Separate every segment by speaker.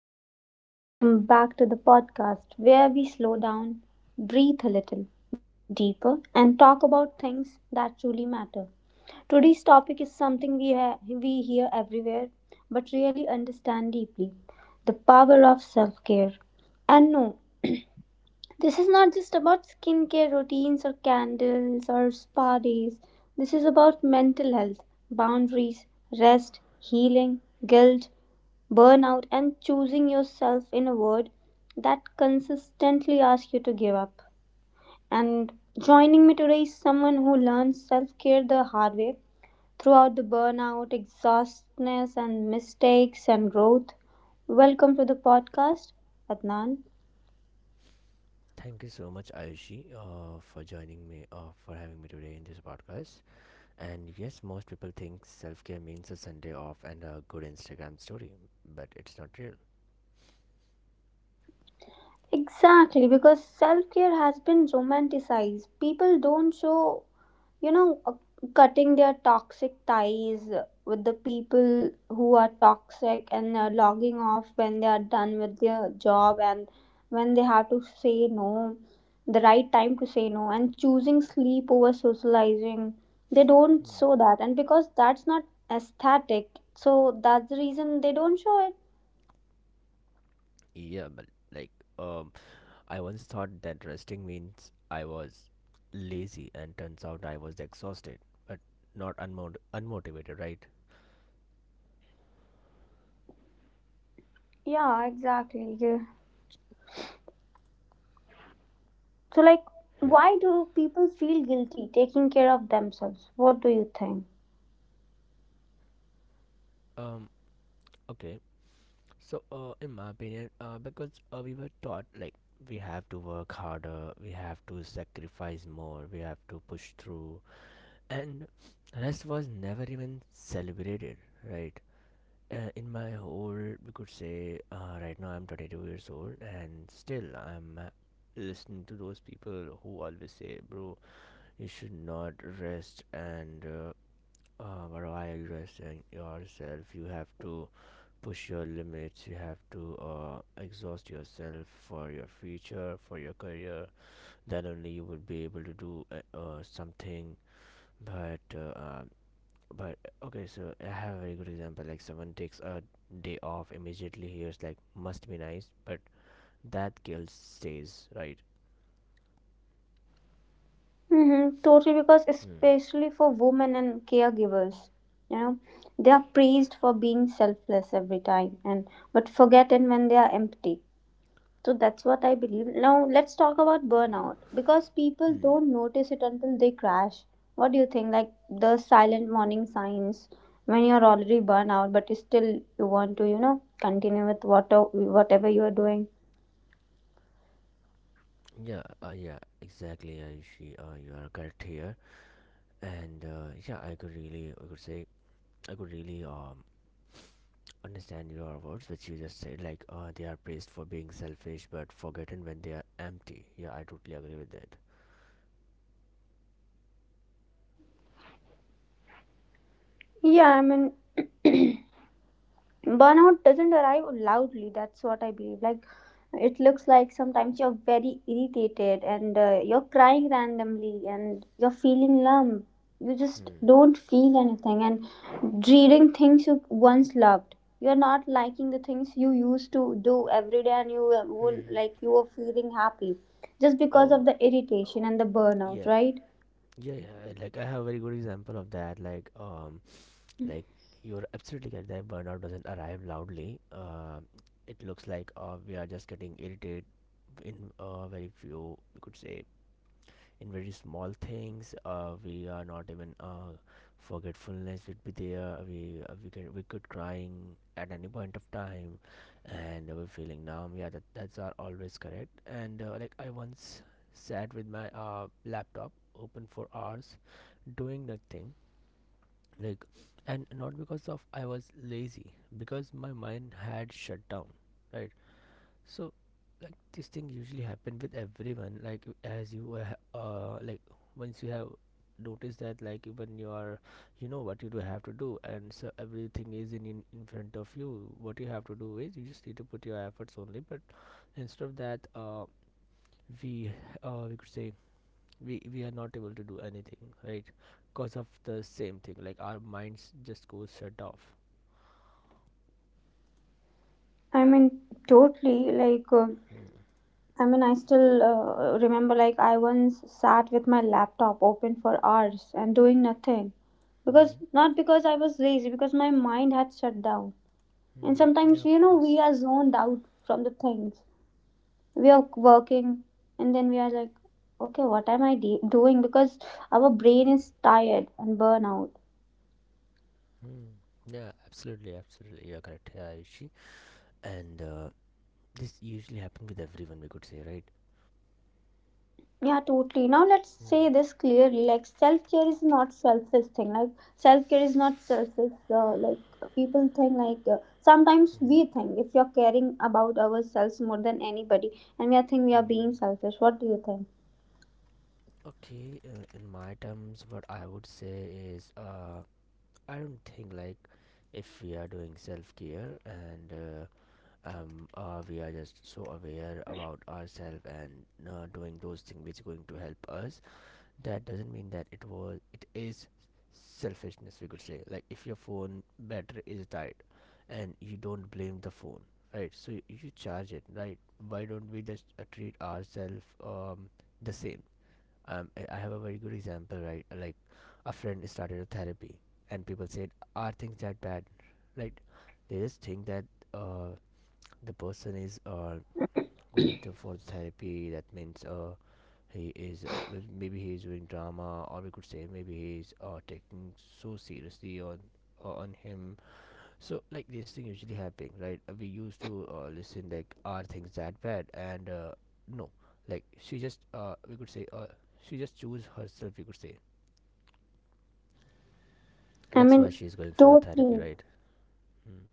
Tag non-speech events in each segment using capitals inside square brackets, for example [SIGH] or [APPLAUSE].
Speaker 1: Beautiful humans, welcome back to the podcast where we slow down, breathe a little deeper, and talk about things that truly matter. Today's topic is something we, we hear everywhere but really understand deeply, the power of self care. And no, this is not just about skincare routines or candles or spa days. This is about mental health, boundaries, rest, healing, guilt, burnout, and choosing yourself in a word that consistently asks you to give up. And joining me today is someone who learns self care the hard way throughout the burnout, exhaustness, and mistakes and growth. Welcome to the podcast, Adnan.
Speaker 2: Thank you so much, Ayushi, for joining me, for having me today in this podcast. And yes, most people think self care means a Sunday off and a good Instagram story, but it's not real.
Speaker 1: Exactly, because self care has been romanticized. People don't show, you know, uh, cutting their toxic ties with the people who are toxic, and logging off when they are done with their job, and when they have to say no, the right time to say no, and choosing sleep over socializing. They don't show that, and because that's not aesthetic, so that's the reason they don't show it.
Speaker 2: Yeah, but like, um, I once thought that resting means I was lazy, and turns out I was exhausted, but not unmotivated, right?
Speaker 1: Yeah, exactly. Yeah. So, like,
Speaker 2: Yeah.
Speaker 1: why do people feel guilty taking care of themselves? What do you think?
Speaker 2: Um. Okay. So, in my opinion, because we were taught like we have to work harder, we have to sacrifice more, we have to push through, and rest was never even celebrated, right? In my whole, we could say, right now I'm 22 years old, and still I'm listening to those people who always say, "Bro, you should not rest," and what are you resting yourself? You have to push your limits, you have to exhaust yourself for your future, for your career, then only you would be able to do something, but uh, um, but okay, so I have a very good example. Like someone takes a day off, immediately hears like, "Must be nice," but that guilt stays, right?
Speaker 1: Mm-hmm, totally, because
Speaker 2: hmm.
Speaker 1: especially for women and caregivers, you know, they are praised for being selfless every time, and but forgotten when they are empty. So that's what I believe. Now let's talk about burnout, because people
Speaker 2: Hmm.
Speaker 1: don't notice it until they crash. What do you think, like the silent warning signs when you're already burnt out, but you still, you want to, you know, continue with what whatever you are doing.
Speaker 2: Yeah, yeah, exactly, Ayushi. You are correct here, and yeah, I could say, I could really understand your words, which you just said, like they are praised for being selfish but forgotten when they are empty. Yeah, I totally agree with that.
Speaker 1: Yeah, I mean. [CLEARS THROAT] Burnout doesn't arrive loudly, that's what I believe. Like, it looks like sometimes you're very irritated, and you're crying randomly and you're feeling numb, you just
Speaker 2: hmm.
Speaker 1: don't feel anything and dreading things you once loved. You're not liking the things you used to do every day and
Speaker 2: hmm.
Speaker 1: like you were feeling happy just because of
Speaker 2: Oh,
Speaker 1: the irritation and the burnout,
Speaker 2: yeah.
Speaker 1: right?
Speaker 2: Yeah, like I have a very good example of that. Like you're absolutely correct that burnout doesn't arrive loudly. Uh, it looks like we are just getting irritated in very few, we could say, in very small things. Uh, we are not even forgetfulness would be there. We uh, we can we could crying at any point of time, and we're feeling numb. Yeah, that's are always correct. And like I once sat with my laptop open for hours doing nothing, like, and not because of I was lazy, because my mind had shut down, right? So, like this thing usually happen with everyone. Like as you like once you have noticed that, like, even you are, you know what you do have to do, and so everything is in front of you. What you have to do is you just need to put your efforts only, but instead of that we we could say we are not able to do anything, right? Because of the same thing, like our minds just goes shut off.
Speaker 1: i mean totally like uh, I mean, I still remember, like I once sat with my laptop open for hours and doing nothing, because
Speaker 2: Mm-hmm.
Speaker 1: not because I was lazy, because my mind had shut down. And
Speaker 2: Hmm. Yeah,
Speaker 1: sometimes,
Speaker 2: of
Speaker 1: you know,
Speaker 2: course.
Speaker 1: we are zoned out from the things. We are working and then we are like, okay, what am I doing? Because our brain is tired and burnout.
Speaker 2: Hmm. Yeah, absolutely, absolutely. You're correct, Yushi. And this usually happens with everyone, we could say, right?
Speaker 1: Yeah, totally. Now let's
Speaker 2: Hmm.
Speaker 1: say this clearly. Like, self care is not selfish thing. Like, self care is not selfish. Like people think like sometimes we think if you're caring about ourselves more than anybody, and we are think we are being selfish. What do you think?
Speaker 2: Okay, in my terms, what I would say is I don't think like if we are doing self care, and we are just so aware about ourselves and doing those things which going to help us, that doesn't mean that it is selfishness, we could say. Like if your phone battery is died, and you don't blame the phone, right? So you charge it, right? Why don't we just treat ourselves the same? I have a very good example, right? Like a friend started a therapy, and people said, "Are things that bad?" Like, they just think that uh the person is going to for therapy, that means maybe he is doing drama, or we could say maybe he is taking so seriously on him. So like this thing usually happening, right? We used to listen like, "Are things that bad?" And no, like she just we could say she just choose herself, we could say.
Speaker 1: I
Speaker 2: That's why
Speaker 1: mean,
Speaker 2: she is going for the therapy,
Speaker 1: totally.
Speaker 2: right? Mm.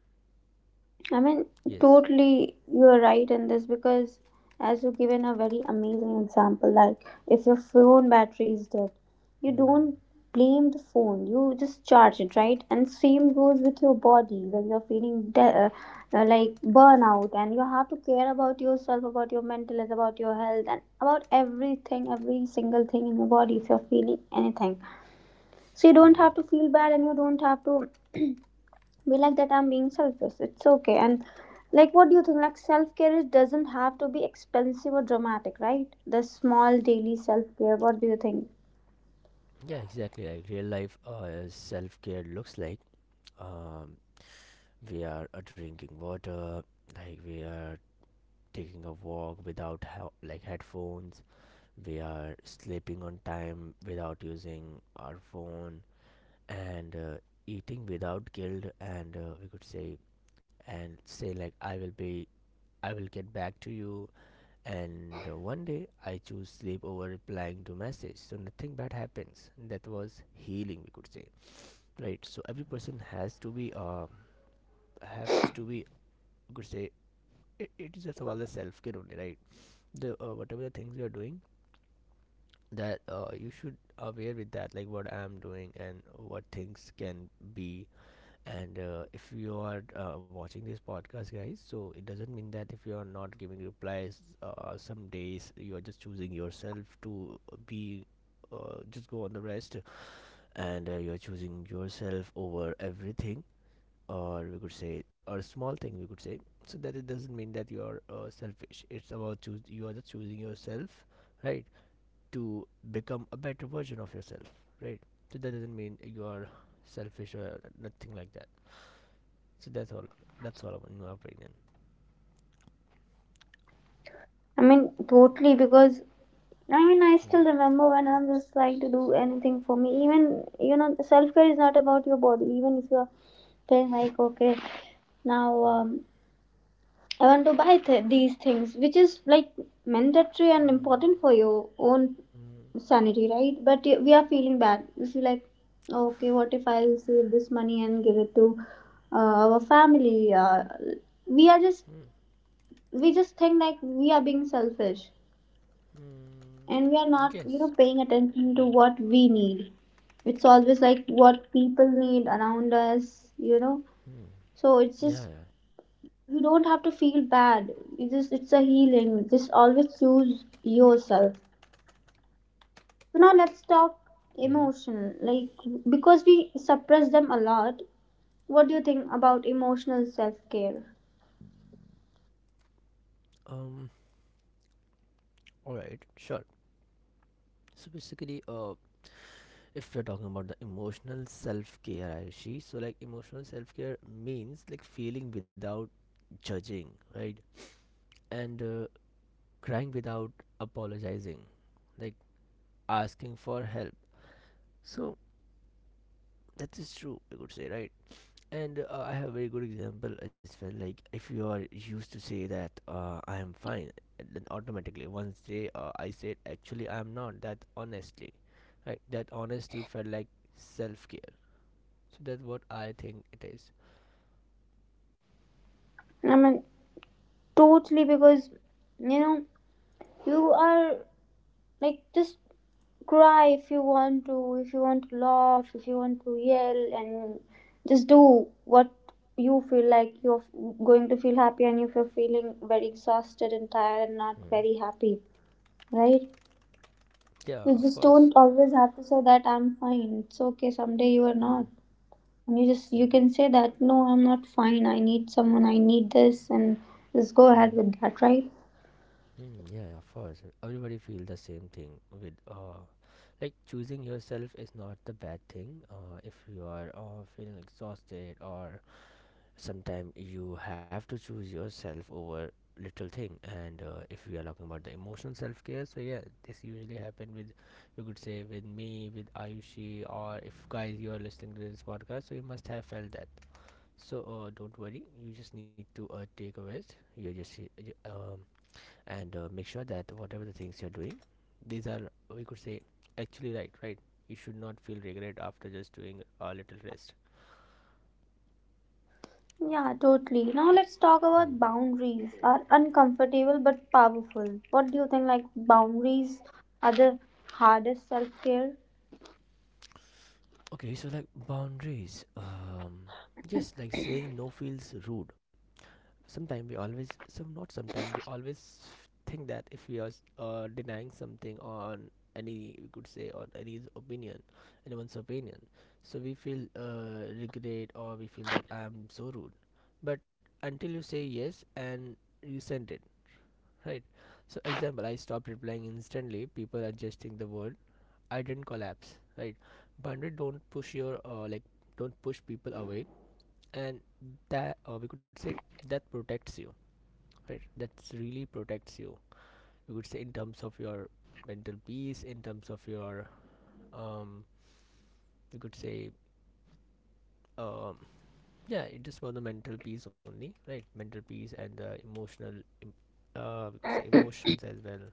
Speaker 1: I mean,
Speaker 2: Yes.
Speaker 1: totally, you're right in this, because as you've given a very amazing example, like if your phone battery is dead, you
Speaker 2: Hmm.
Speaker 1: don't blame the phone, you just charge it, right? And same goes with your body when you're feeling like burnout, and you have to care about yourself, about your mental health, about your health, and about everything, every single thing in your body if you're feeling anything. So you don't
Speaker 2: Hmm.
Speaker 1: have to feel bad and you don't have to. [CLEARS THROAT] Be like that, I'm being selfish, it's okay. And like, what do you think, like self-care doesn't have to be expensive or dramatic, right? The small daily self-care, what do you think?
Speaker 2: Yeah, exactly. Like real life self care looks like um, we are drinking water, like we are taking a walk without like headphones, we are sleeping on time without using our phone, and eating without guilt, and we could say, and say like, "I will be, I will get back to you." And one day I choose sleep over replying to message, so nothing bad happens. That was healing, we could say, right? So every person has to be, we could say, it is just about the self care only, right? The whatever the things you're doing, that you should aware with that, like what I'm doing and what things can be. And if you are watching this podcast, guys, so it doesn't mean that if you are not giving replies, some days you are just choosing yourself to be. Just go on the rest, and you're choosing yourself over everything, or we could say, or small thing, we could say. So that it doesn't mean that you're selfish. It's about choose, you are just choosing yourself, right? To become a better version of yourself, right? So that doesn't mean you are selfish or nothing like that. So that's all, that's all in my opinion.
Speaker 1: I mean, totally, because I mean, I
Speaker 2: Mm.
Speaker 1: still remember when I'm just trying to do anything for me. Even, you know, self-care is not about your body. Even if you're feeling like, okay, now, um, I want to buy these things, which is like mandatory and important for your own
Speaker 2: Mm.
Speaker 1: sanity, right? But we are feeling bad. We feel like, okay, what if I'll save this money and give it to, uh, our family? We are just
Speaker 2: Mm.
Speaker 1: we just think like we are being selfish, and we are
Speaker 2: Mm.
Speaker 1: not, you know,
Speaker 2: Yes.
Speaker 1: paying attention to
Speaker 2: Mm.
Speaker 1: what we need. It's always like what people need around us, you know.
Speaker 2: Mm.
Speaker 1: So it's
Speaker 2: Yeah,
Speaker 1: just,
Speaker 2: yeah.
Speaker 1: you don't have to feel bad, you just, it's a healing, just always choose yourself. So now let's talk
Speaker 2: Mm-hmm.
Speaker 1: emotion, like, because we suppress them a lot. What do you think about emotional self-care?
Speaker 2: um all right, sure. So basically uh, if you're talking about the emotional self-care, Ayushi, so like emotional self-care means like feeling without judging, right? And crying without apologizing, like asking for help. So that is true, I could say, right? And I have a very good example as well. Like if you are used to say that I am fine, and then automatically once they I said, "Actually, I am not," that honestly, right, that honesty felt like self-care. So that's what I think it is.
Speaker 1: I mean, totally, because you know, you are, like, just cry if you want to, if you want to laugh, if you want to yell, and just do what you feel like you're going to feel happy, and if you're feeling very exhausted and tired and not
Speaker 2: Mm.
Speaker 1: very happy, right?
Speaker 2: Yeah,
Speaker 1: You
Speaker 2: of
Speaker 1: just
Speaker 2: course.
Speaker 1: don't always have to say that I'm fine. It's okay. Someday you are
Speaker 2: Mm.
Speaker 1: not, and you just, you
Speaker 2: Mm.
Speaker 1: can say that no, I'm not fine, I need someone, I need this, and just go
Speaker 2: Hmm.
Speaker 1: ahead with that, right?
Speaker 2: Mm, yeah, of course. Everybody feel the same thing with like choosing yourself is not the bad thing. If you are feeling exhausted, or sometimes you have to choose yourself over little thing. And if we are talking about the emotional self care, so yeah, this usually happen with, you could say, with me, with Ayushi, or if guys you are listening to this podcast, so you must have felt that. So don't worry. You just need to take a rest. You just um, and make sure that whatever the things you're doing, these are, we could say, actually right. Right. You should not feel regret after just doing a little rest.
Speaker 1: Yeah, totally. Now let's talk about boundaries are uncomfortable but powerful. What do you think, like boundaries are the hardest self-care?
Speaker 2: Okay. So like boundaries. Just like saying no feels rude. Sometimes we always some not sometimes, we always think that if we are denying something on any, we could say, on any opinion, anyone's opinion, so we feel regret, or we feel that I am so rude. But until you say yes, and you send it, right? So example, I stopped replying instantly, people adjusting the word, I didn't collapse, right? Boundary don't push your like, don't push people away, and that, or we could say, that protects you, right? That really protects you. You could say in terms of your mental peace, in terms of your um you could say, um yeah, it just for the mental peace only, right? Mental peace and the emotional uh, we could say, emotions as well.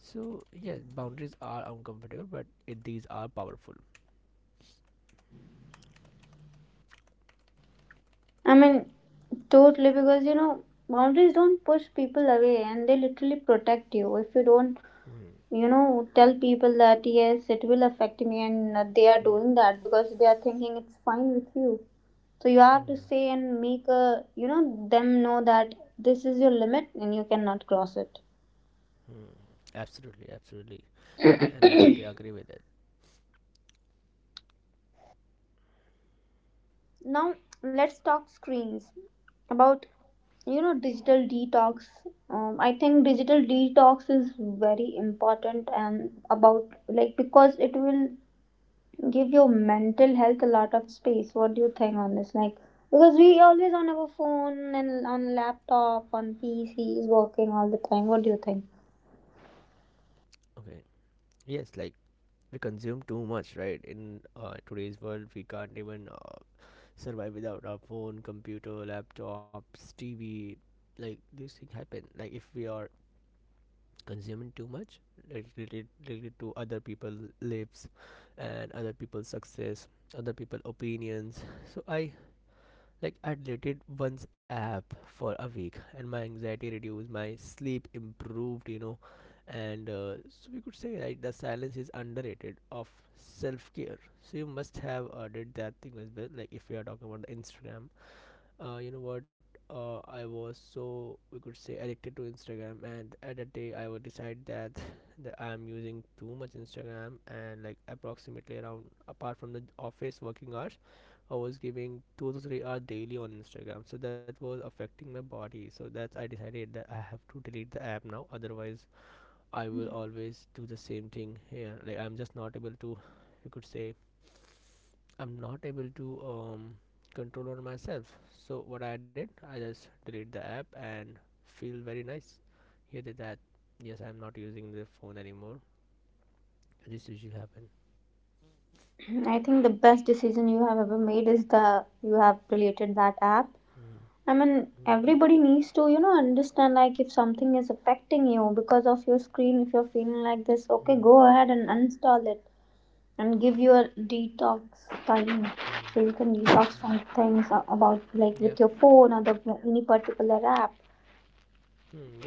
Speaker 2: So yeah, boundaries are uncomfortable, but these are powerful.
Speaker 1: I mean, totally, because you know, boundaries don't push people away and they literally protect you. If you don't,
Speaker 2: Hmm.
Speaker 1: you know, tell people that yes, it will affect me, and they are doing that because they are thinking it's fine with you. So you have to
Speaker 2: Hmm.
Speaker 1: say and make a, you know, them know that this is your limit and you cannot cross it.
Speaker 2: Hmm. Absolutely, absolutely, and I totally agree with it.
Speaker 1: Now let's talk screens, about, you know, digital detox. I think digital detox is very important, and about, like, because it will give your mental health a lot of space. What do you think on this? Like, because we always on our phone and on laptop on PCs working all the time. What do you think?
Speaker 2: Okay. Yes, like we consume too much, right? In today's world we can't even survive without our phone, computer, laptops, TV. Like these things happen. Like if we are consuming too much, like related to other people lives, and other people's success, other people opinions. So I, like I deleted one's app for a week, and my anxiety reduced, my sleep improved. You know, and so we could say, right, the silence is underrated of self-care. So you must have did that thing as well. Like if we are talking about the Instagram, you know what? I was, so we could say, addicted to Instagram, and at that day I would decide that [LAUGHS] that I am using too much Instagram, and like approximately, around, apart from the office working hours, I was giving 2 to 3 hours daily on Instagram. So that was affecting my body. So that's I decided that I have to delete the app now. Otherwise, I will always do the same thing here. Like I'm just not able to, you could say, I'm not able to control on myself. So what I did, I just delete the app, and feel very nice. You did that. Yes, I'm not using the phone anymore. This usually happen.
Speaker 1: [CLEARS THROAT] I think the best decision you have ever made is the you have deleted that app.
Speaker 2: Hmm,
Speaker 1: I mean,
Speaker 2: hmm,
Speaker 1: everybody needs to, you know, understand, like if something is affecting you because of your screen, if you're feeling like this, okay,
Speaker 2: hmm,
Speaker 1: go ahead and uninstall it and give your detox time,
Speaker 2: hmm.
Speaker 1: so you can detox from things about, like,
Speaker 2: Yeah.
Speaker 1: with your phone or the, any particular app.
Speaker 2: Hmm, yeah.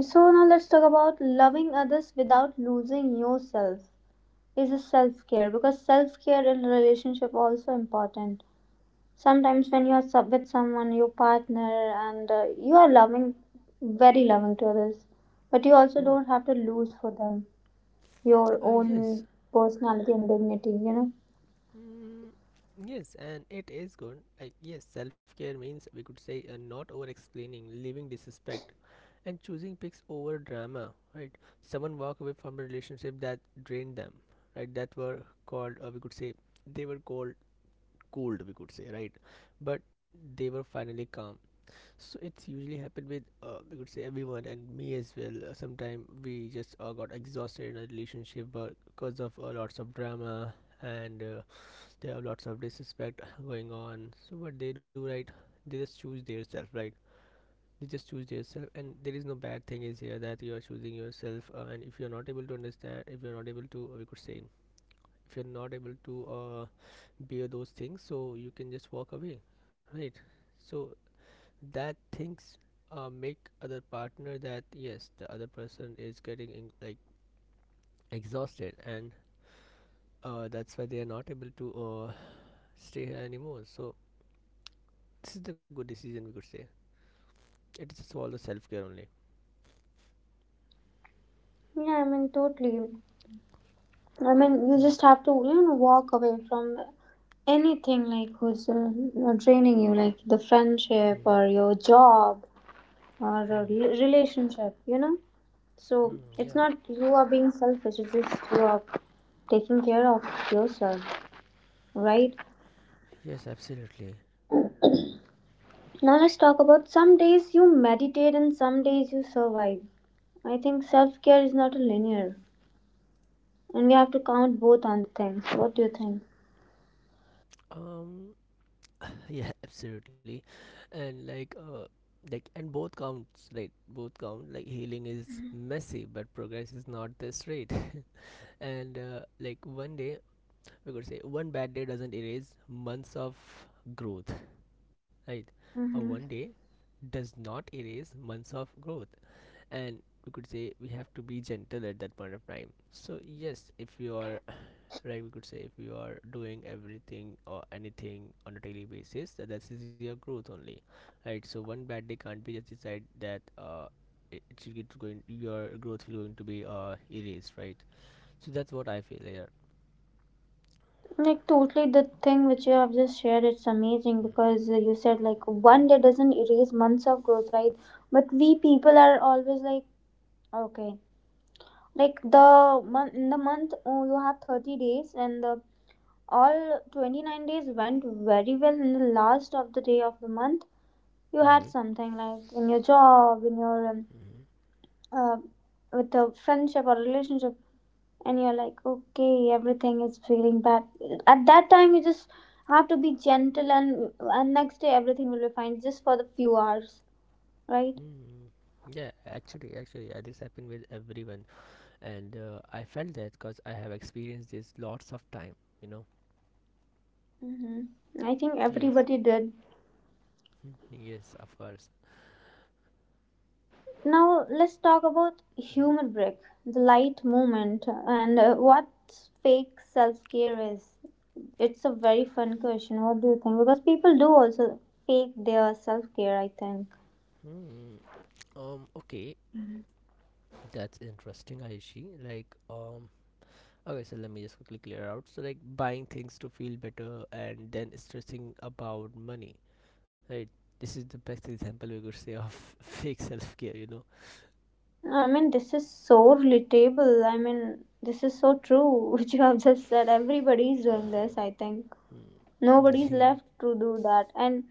Speaker 1: So now let's talk about loving others without losing yourself is a self care, because self care in relationship also important. Sometimes when you are sub with someone, your partner, and you are loving, very loving to others, but you also
Speaker 2: Hmm.
Speaker 1: don't have to lose for them your
Speaker 2: Yes.
Speaker 1: own personality and dignity, you know.
Speaker 2: Mm, yes, and it is good. Like, yes, self care means we could say not over explaining, leaving disrespect, and choosing picks over drama, right? Someone walk away from a relationship that drained them, right? That were called, or we could say, they were called cold, we could say, right? But they were finally calm. So it's usually happened with, we could say, everyone and me as well. Sometimes we just got exhausted in a relationship because of lots of drama and. They have lots of disrespect going on, so what they do, right? They just choose their self, right? they just choose their And there is no bad thing is here that you are choosing yourself, and if you're not able to understand, if you're not able to we could say, if you're not able to bear those things, so you can just walk away, right? So that things make other partner that yes the other person is getting in, like exhausted, and that's why they are not able to uh, stay here anymore, so this is the good decision we could say. It is all the self care only.
Speaker 1: Yeah, I mean, totally. I mean, you
Speaker 2: Hmm,
Speaker 1: just have to, you know, walk away from anything, like who's draining you, like the friendship
Speaker 2: hmm,
Speaker 1: or your job or a
Speaker 2: hmm,
Speaker 1: relationship, you know. So
Speaker 2: hmm,
Speaker 1: it's
Speaker 2: yeah.
Speaker 1: not you are being selfish, it's just you are taking care of yourself, right?
Speaker 2: Yes, absolutely.
Speaker 1: Now let's talk about some days you meditate and some days you survive. I think self care is not a linear, and we have to count both on the things. What do you think?
Speaker 2: Um. Yeah, [LAUGHS] absolutely. And like and both counts, right? Both count. Like healing is messy, but progress is not this straight. [LAUGHS] And like one day we could say one bad day doesn't erase months of growth, right? A one
Speaker 1: Mm-hmm.
Speaker 2: day does not erase months of growth. And we could say we have to be gentle at that point of time, so yes, if you are [SIGHS] right, we could say if you are doing everything or anything on a daily basis, that is your growth only, right? So one bad day can't be just decide that it should get going, your growth will going to be erased, right? So that's what I feel here.
Speaker 1: Like, totally, the thing which you have just shared, it's amazing, because you said like one day doesn't erase months of growth, right? But we people are always like, okay, like the month in the month, oh, you have 30 days and the all 29 days went very well. In the last of the day of the month, you
Speaker 2: Mm-hmm.
Speaker 1: had something, like in your job, in your, uh, with a friendship or relationship, and you're like, okay, everything is feeling bad. At that time, you just have to be gentle, and next day everything will be fine, just for the few hours, right?
Speaker 2: Mm, yeah, actually yeah, this happened with everyone, and I felt that because I have experienced this lots of time, you know.
Speaker 1: Mm-hmm. I think
Speaker 2: Yes.
Speaker 1: everybody did.
Speaker 2: Mhm, yes, of course.
Speaker 1: Now let's talk about humor
Speaker 2: Mhm.
Speaker 1: break, the light movement, and what fake self care is. It's a very fun question. What do you think? Because people do also fake their self care, I think.
Speaker 2: Hmm. Okay, that's interesting, Aishi. Like, Okay, so let me just quickly clear out. So, like, buying things to feel better and then stressing about money. Right. This is the best example we could say of [LAUGHS] fake self care. You know.
Speaker 1: I mean, this is so relatable. I mean, this is so true. [LAUGHS] Which you have just said. Everybody is doing this. I think nobody is left
Speaker 2: [LAUGHS]
Speaker 1: to do that, and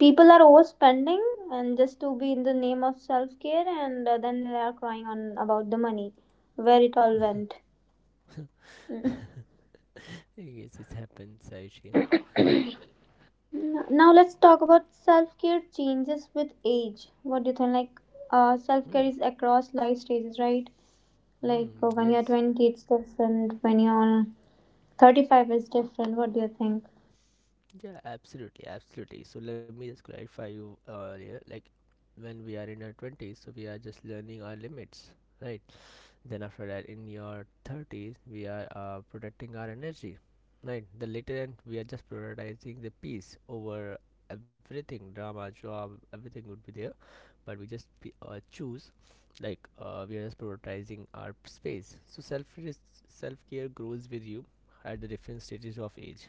Speaker 1: people are overspending and just to be in the name of self care, and then they are crying on about the money where it all went. Mm.
Speaker 2: Yes, it happens, Aishi.
Speaker 1: N- now let's talk about self care changes with age. What do you think, like, self
Speaker 2: Hmm.
Speaker 1: care is across life stages, right? Like,
Speaker 2: Hmm.
Speaker 1: when you're
Speaker 2: Yes.
Speaker 1: 20 it's different, when you're 35 it's different, what do you think?
Speaker 2: Yeah. Absolutely. Absolutely. So let me just clarify you earlier. Like, when we are in our twenties, so we are just learning our limits, right? Then after that in your 30s we are protecting our energy, right? The later end we are just prioritizing the peace over everything, drama, job, everything would be there, but we just choose, like we are just prioritizing our space, so self-care grows with you at the different stages of age.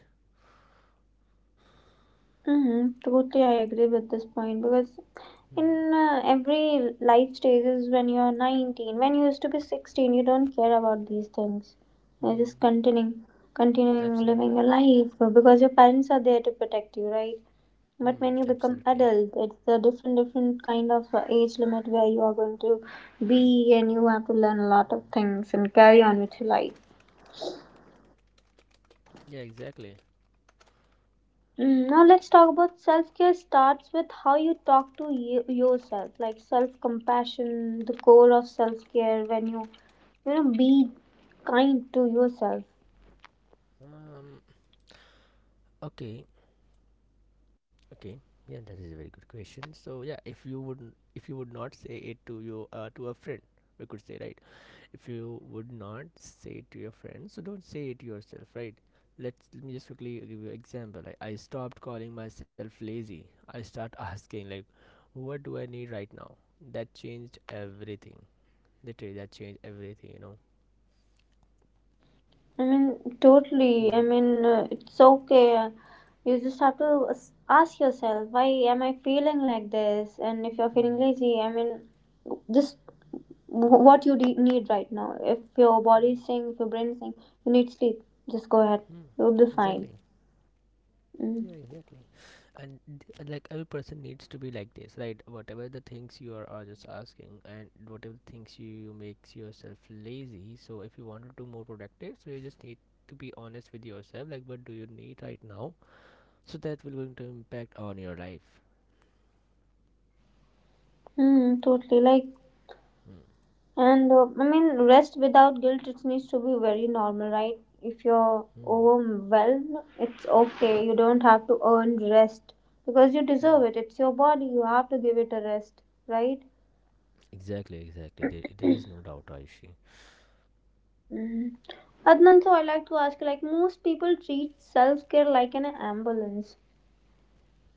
Speaker 1: Mhm. Totally, I agree with this point, because
Speaker 2: Hmm.
Speaker 1: in every life stages, when you're 19, when you used to be 16, you don't care about these things. You're just
Speaker 2: Hmm.
Speaker 1: continuing, continuing living
Speaker 2: Absolutely.
Speaker 1: your life, because your parents are there to protect you, right?
Speaker 2: Hmm.
Speaker 1: But when you become
Speaker 2: Absolutely.
Speaker 1: adult, it's a different, different kind of age limit where you are going to be, and you have to learn a lot of
Speaker 2: Hmm.
Speaker 1: things and carry on with your life.
Speaker 2: Yeah, exactly.
Speaker 1: Mm. Now let's talk about self-care. Starts with how you talk to you, yourself, like self-compassion, the core of self-care when you know be kind to yourself.
Speaker 2: um okay Okay. Yeah, that is a very good question. So yeah, if you would not say it to your to a friend, we could say, right. If you would not say it to your friend, so don't say it yourself, right? Let me just quickly give you an example. Like I stopped calling myself lazy. I start [LAUGHS] asking like, what do I need right now? That changed everything. Literally, that changed everything. You know.
Speaker 1: I mean totally. I
Speaker 2: Hmm.
Speaker 1: mean it's okay. You just have to ask yourself, why am I feeling like this? And if you're feeling
Speaker 2: Hmm.
Speaker 1: lazy, I mean just what you need right now. If your body
Speaker 2: Hmm.
Speaker 1: is saying, if your brain is saying you need sleep, just go ahead.
Speaker 2: Hmm.
Speaker 1: You'll be fine.
Speaker 2: Exactly.
Speaker 1: Mm.
Speaker 2: Yeah, exactly, and like every person needs to be like this, right? Whatever the things you are just asking, and whatever things you makes yourself lazy, so if you want to do more productive, so you just need to be honest with yourself, like what do you need right now, so that will going to impact on your life.
Speaker 1: Mm, totally. Like,
Speaker 2: Hmm.
Speaker 1: and I mean, rest without guilt, it needs to be very normal, right? If you're
Speaker 2: Hmm.
Speaker 1: overwhelmed, it's okay. You don't have to earn rest because you
Speaker 2: Hmm.
Speaker 1: deserve it. It's your body. You have to give it a rest, right?
Speaker 2: Exactly, exactly, there is no doubt, Aishi.
Speaker 1: Mm. Adnan, so I like to ask, like, most people treat self care like an ambulance.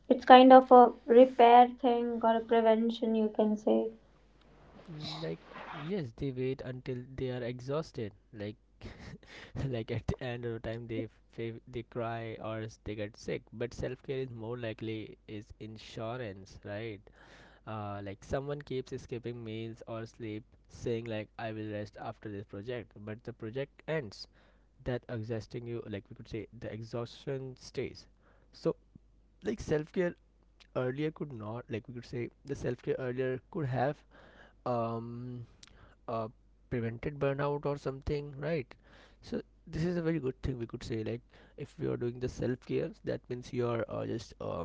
Speaker 1: It's kind of a repair thing or a prevention, you can say.
Speaker 2: Mm, like yes they wait until they are exhausted, like [LAUGHS] like at the end of the time they they cry they get sick, but self-care is more likely is insurance, right? Like someone keeps skipping meals or sleep, saying like I will rest after this project, but the project ends, that exhausting you, like we could say the exhaustion stays. So like self-care earlier could not, like we could say the self-care earlier could have um uh, prevented burnout or something, right? So this is a very good thing we could say, like if you are doing the self-care that means you are just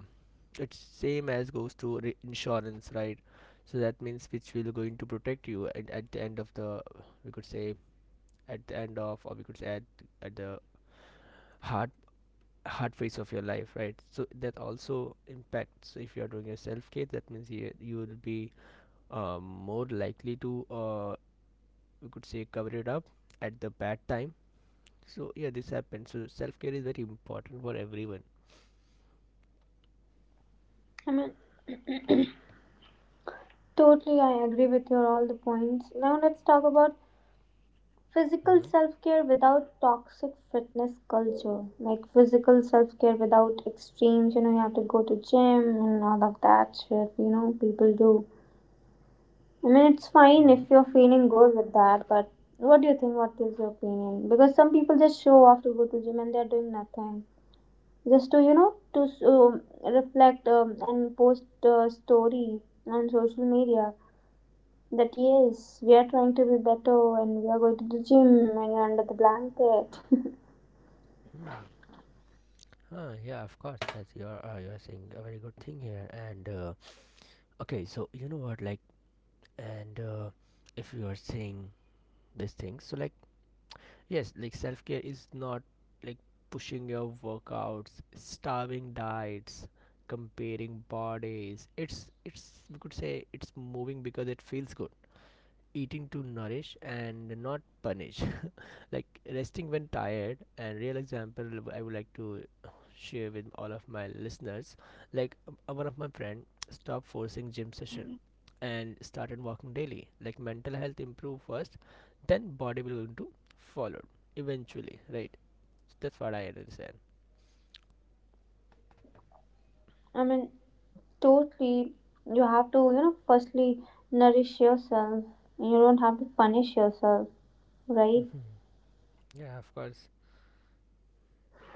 Speaker 2: it's same as goes to insurance, right? So that means which will going to protect you at the end of the, we could say, at the end of, or we could say at the hard hard phase of your life, right? So that also impacts if you are doing your self-care, that means you will be more likely to we could say cover it up at the bad time, so yeah this happens, so self-care is very important for everyone.
Speaker 1: I mean, totally, I agree with your all the points. Now let's talk about physical
Speaker 2: Mm-hmm.
Speaker 1: self care without toxic fitness culture, like physical self care without extremes, you know, you have to go to gym and all of that shit, you know, people do. I mean, it's fine
Speaker 2: Mm-hmm.
Speaker 1: if you're feeling good with that, but what do you think? What is your opinion? Because some people just show off to go to gym and they're doing nothing, just to to reflect and post a story on social media that yes, we are trying to be better and we are going to the gym and you're under the blanket.
Speaker 2: Hmm. Ah, yeah, of course. That's you're saying a very good thing here. And okay, so you know what, like, and if you are saying this thing, so like, yes, like self care is not like pushing your workouts, starving diets, comparing bodies. It's we could say it's moving because it feels good, eating to nourish and not punish, [LAUGHS] like resting when tired and real example I would like to share with all of my listeners, like one of my friend stopped forcing gym session and started walking daily, like mental health improved first, then body will going to follow eventually, right? So that's what I understand.
Speaker 1: [LAUGHS] I mean, totally, you have to, you know, firstly nourish yourself. You don't have to punish yourself, right?
Speaker 2: Mhm. Yeah, of course.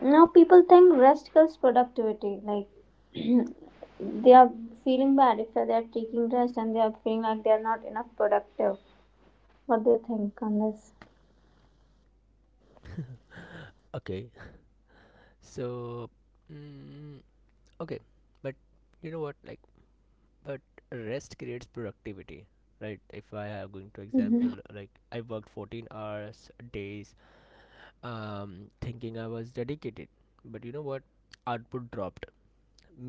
Speaker 1: Now, people think rest kills productivity. Like, [CLEARS THROAT] they are feeling bad if they are taking rest and they are feeling like they are not enough productive. What do you think on this?
Speaker 2: Okay. [LAUGHS] So mm, okay, but you know what, like, but rest creates productivity, right? If I have going to
Speaker 1: Mhm.
Speaker 2: example like I worked 14 hours days, um thinking I was dedicated, but you know what, output dropped,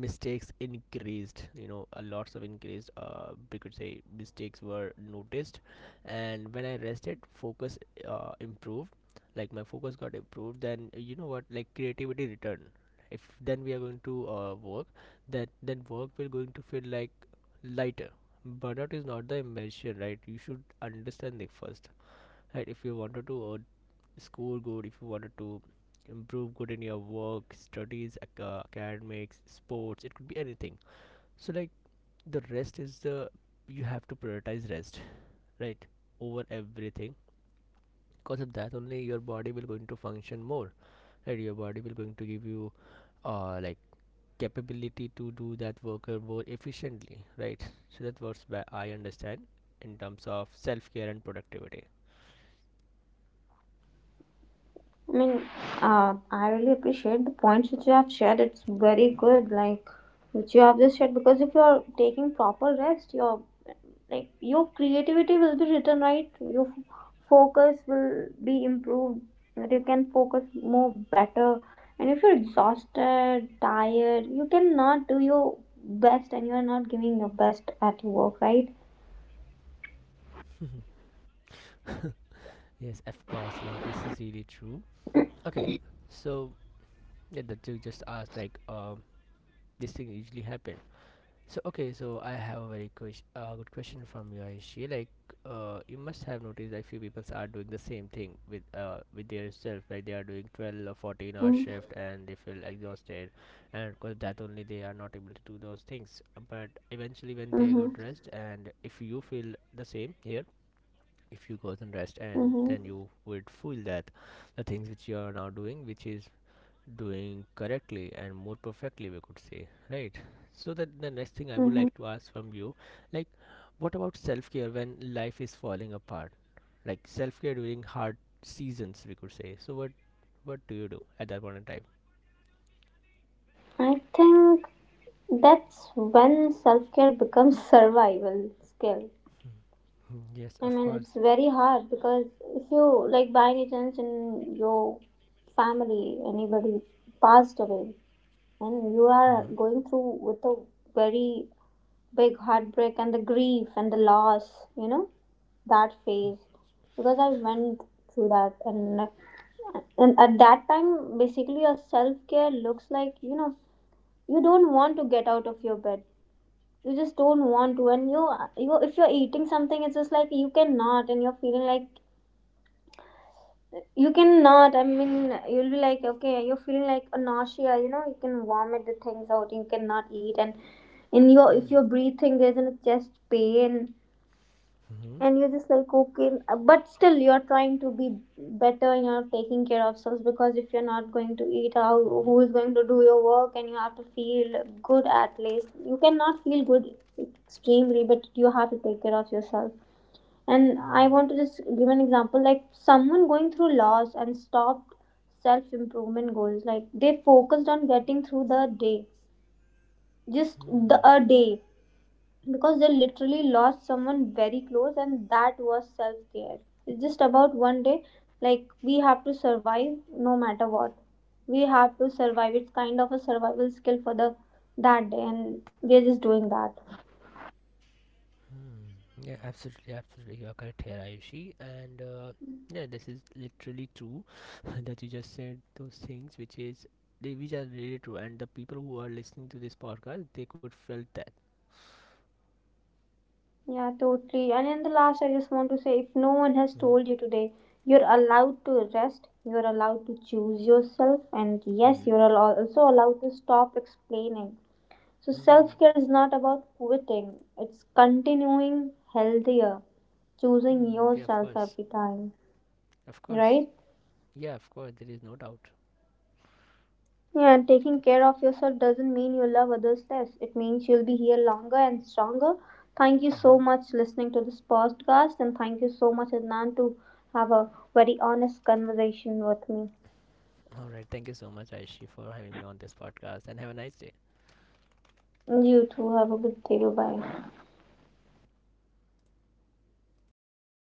Speaker 2: mistakes increased, you know a lots of increased, we could say, mistakes were noticed, and when I rested focus improved, like my focus got improved, then you know what, like creativity returned. If then we are going to work, that then work will going to feel like lighter, burnout is not the invention, right? You should understand it first, right? If you wanted to score good, if you wanted to improve good in your work, studies, academics, sports, it could be anything, so like the rest is the, you have to prioritize rest, right, over everything, because of that only your body will going to function more, right? Your body will going to give you like capability to do that worker more efficiently, right? So that works. Where I understand in terms of self-care and productivity.
Speaker 1: I mean, I really appreciate the points which you have shared. It's very good, like which you have just shared. Because if you are taking proper rest, your like your creativity will be written, right. Your focus will be improved. That you can focus more better. And if you're exhausted, tired, you cannot do your best, and you are not giving your best at your work, right?
Speaker 2: Yes, of course. Like this is really true. Okay, so yeah, that you just asked, like this thing usually happen. So okay, so I have a very good question from you, Aishi. Like you must have noticed that few people are doing the same thing with their self. Like they are doing 12 or 14 hour
Speaker 1: Mm-hmm.
Speaker 2: shift and they feel exhausted, and of course that only they are not able to do those things. But eventually, when they go rest, and if you feel the same here, if you go and rest and
Speaker 1: Mm-hmm.
Speaker 2: then you would feel that the things which you are now doing which is doing correctly and more perfectly we could say, right? So that the next thing I would
Speaker 1: Mm-hmm.
Speaker 2: like to ask from you, like what about self-care when life is falling apart, like self-care during hard seasons we could say, so what do you do at that point in time?
Speaker 1: I think that's when self care becomes [LAUGHS] survival skill.
Speaker 2: Mm, yes,
Speaker 1: I
Speaker 2: of
Speaker 1: mean, it's
Speaker 2: course.
Speaker 1: very hard because if you, like, by any chance in your family, anybody passed away, and you are
Speaker 2: Uh-huh.
Speaker 1: going through with a very big heartbreak and the grief and the loss, you know, that phase. Because I went through that, and at that time, basically, your self care looks like, you know, you don't want to get out of your bed. You just don't want to. And you if you're eating something, it's just like you cannot. And you're feeling like you cannot, I mean, you'll be like, okay, you're feeling like a nausea, you know, you can vomit the things out, you cannot eat. And in your,
Speaker 2: Hmm.
Speaker 1: if you're breathing, there's a chest pain
Speaker 2: Hmm.
Speaker 1: and you're just like, okay, but still you're trying to be better. You're taking care of yourselves, because if you're not going to eat, how,
Speaker 2: Mm-hmm.
Speaker 1: who is going to do your work? And you have to feel good, at least. You cannot feel good extremely, but you have to take care of yourself. And I want to just give an example, like someone going through loss and stopped self improvement goals, like they focused on getting through the day, just the a day, because they literally lost someone very close, and that was self care. It's just about one day. Like, we have to survive, no matter what, we have to survive. It's kind of a survival skill for the that day, and we're just doing that.
Speaker 2: Mm, yeah, absolutely, absolutely. You are correct here, Ayushi. And yeah, this is literally true [LAUGHS] that you just said those things, which is they, which are really true. And the people who are listening to this podcast, they could felt that.
Speaker 1: Yeah, totally. And in the last, I just want to say, if no one has
Speaker 2: Mm-hmm.
Speaker 1: told you today, you're allowed to rest, you're allowed to choose yourself, and yes,
Speaker 2: Mm-hmm.
Speaker 1: you're also allowed to stop explaining. So self care is not about quitting, it's continuing healthier, choosing
Speaker 2: Mm-hmm. Yeah, of
Speaker 1: yourself
Speaker 2: course,
Speaker 1: every time,
Speaker 2: of course.
Speaker 1: right?
Speaker 2: Yeah, of course. There is no doubt.
Speaker 1: Yeah, and taking care of yourself doesn't mean you love others less. It means you'll be here longer and stronger. Thank you
Speaker 2: Mm-hmm.
Speaker 1: so much listening to this podcast, and thank you so much Adnan, to have a very honest conversation with me.
Speaker 2: All right. Thank you so much, Ayushi, for having me on this podcast, and have a nice day.
Speaker 1: You too, have a good day. Bye bye.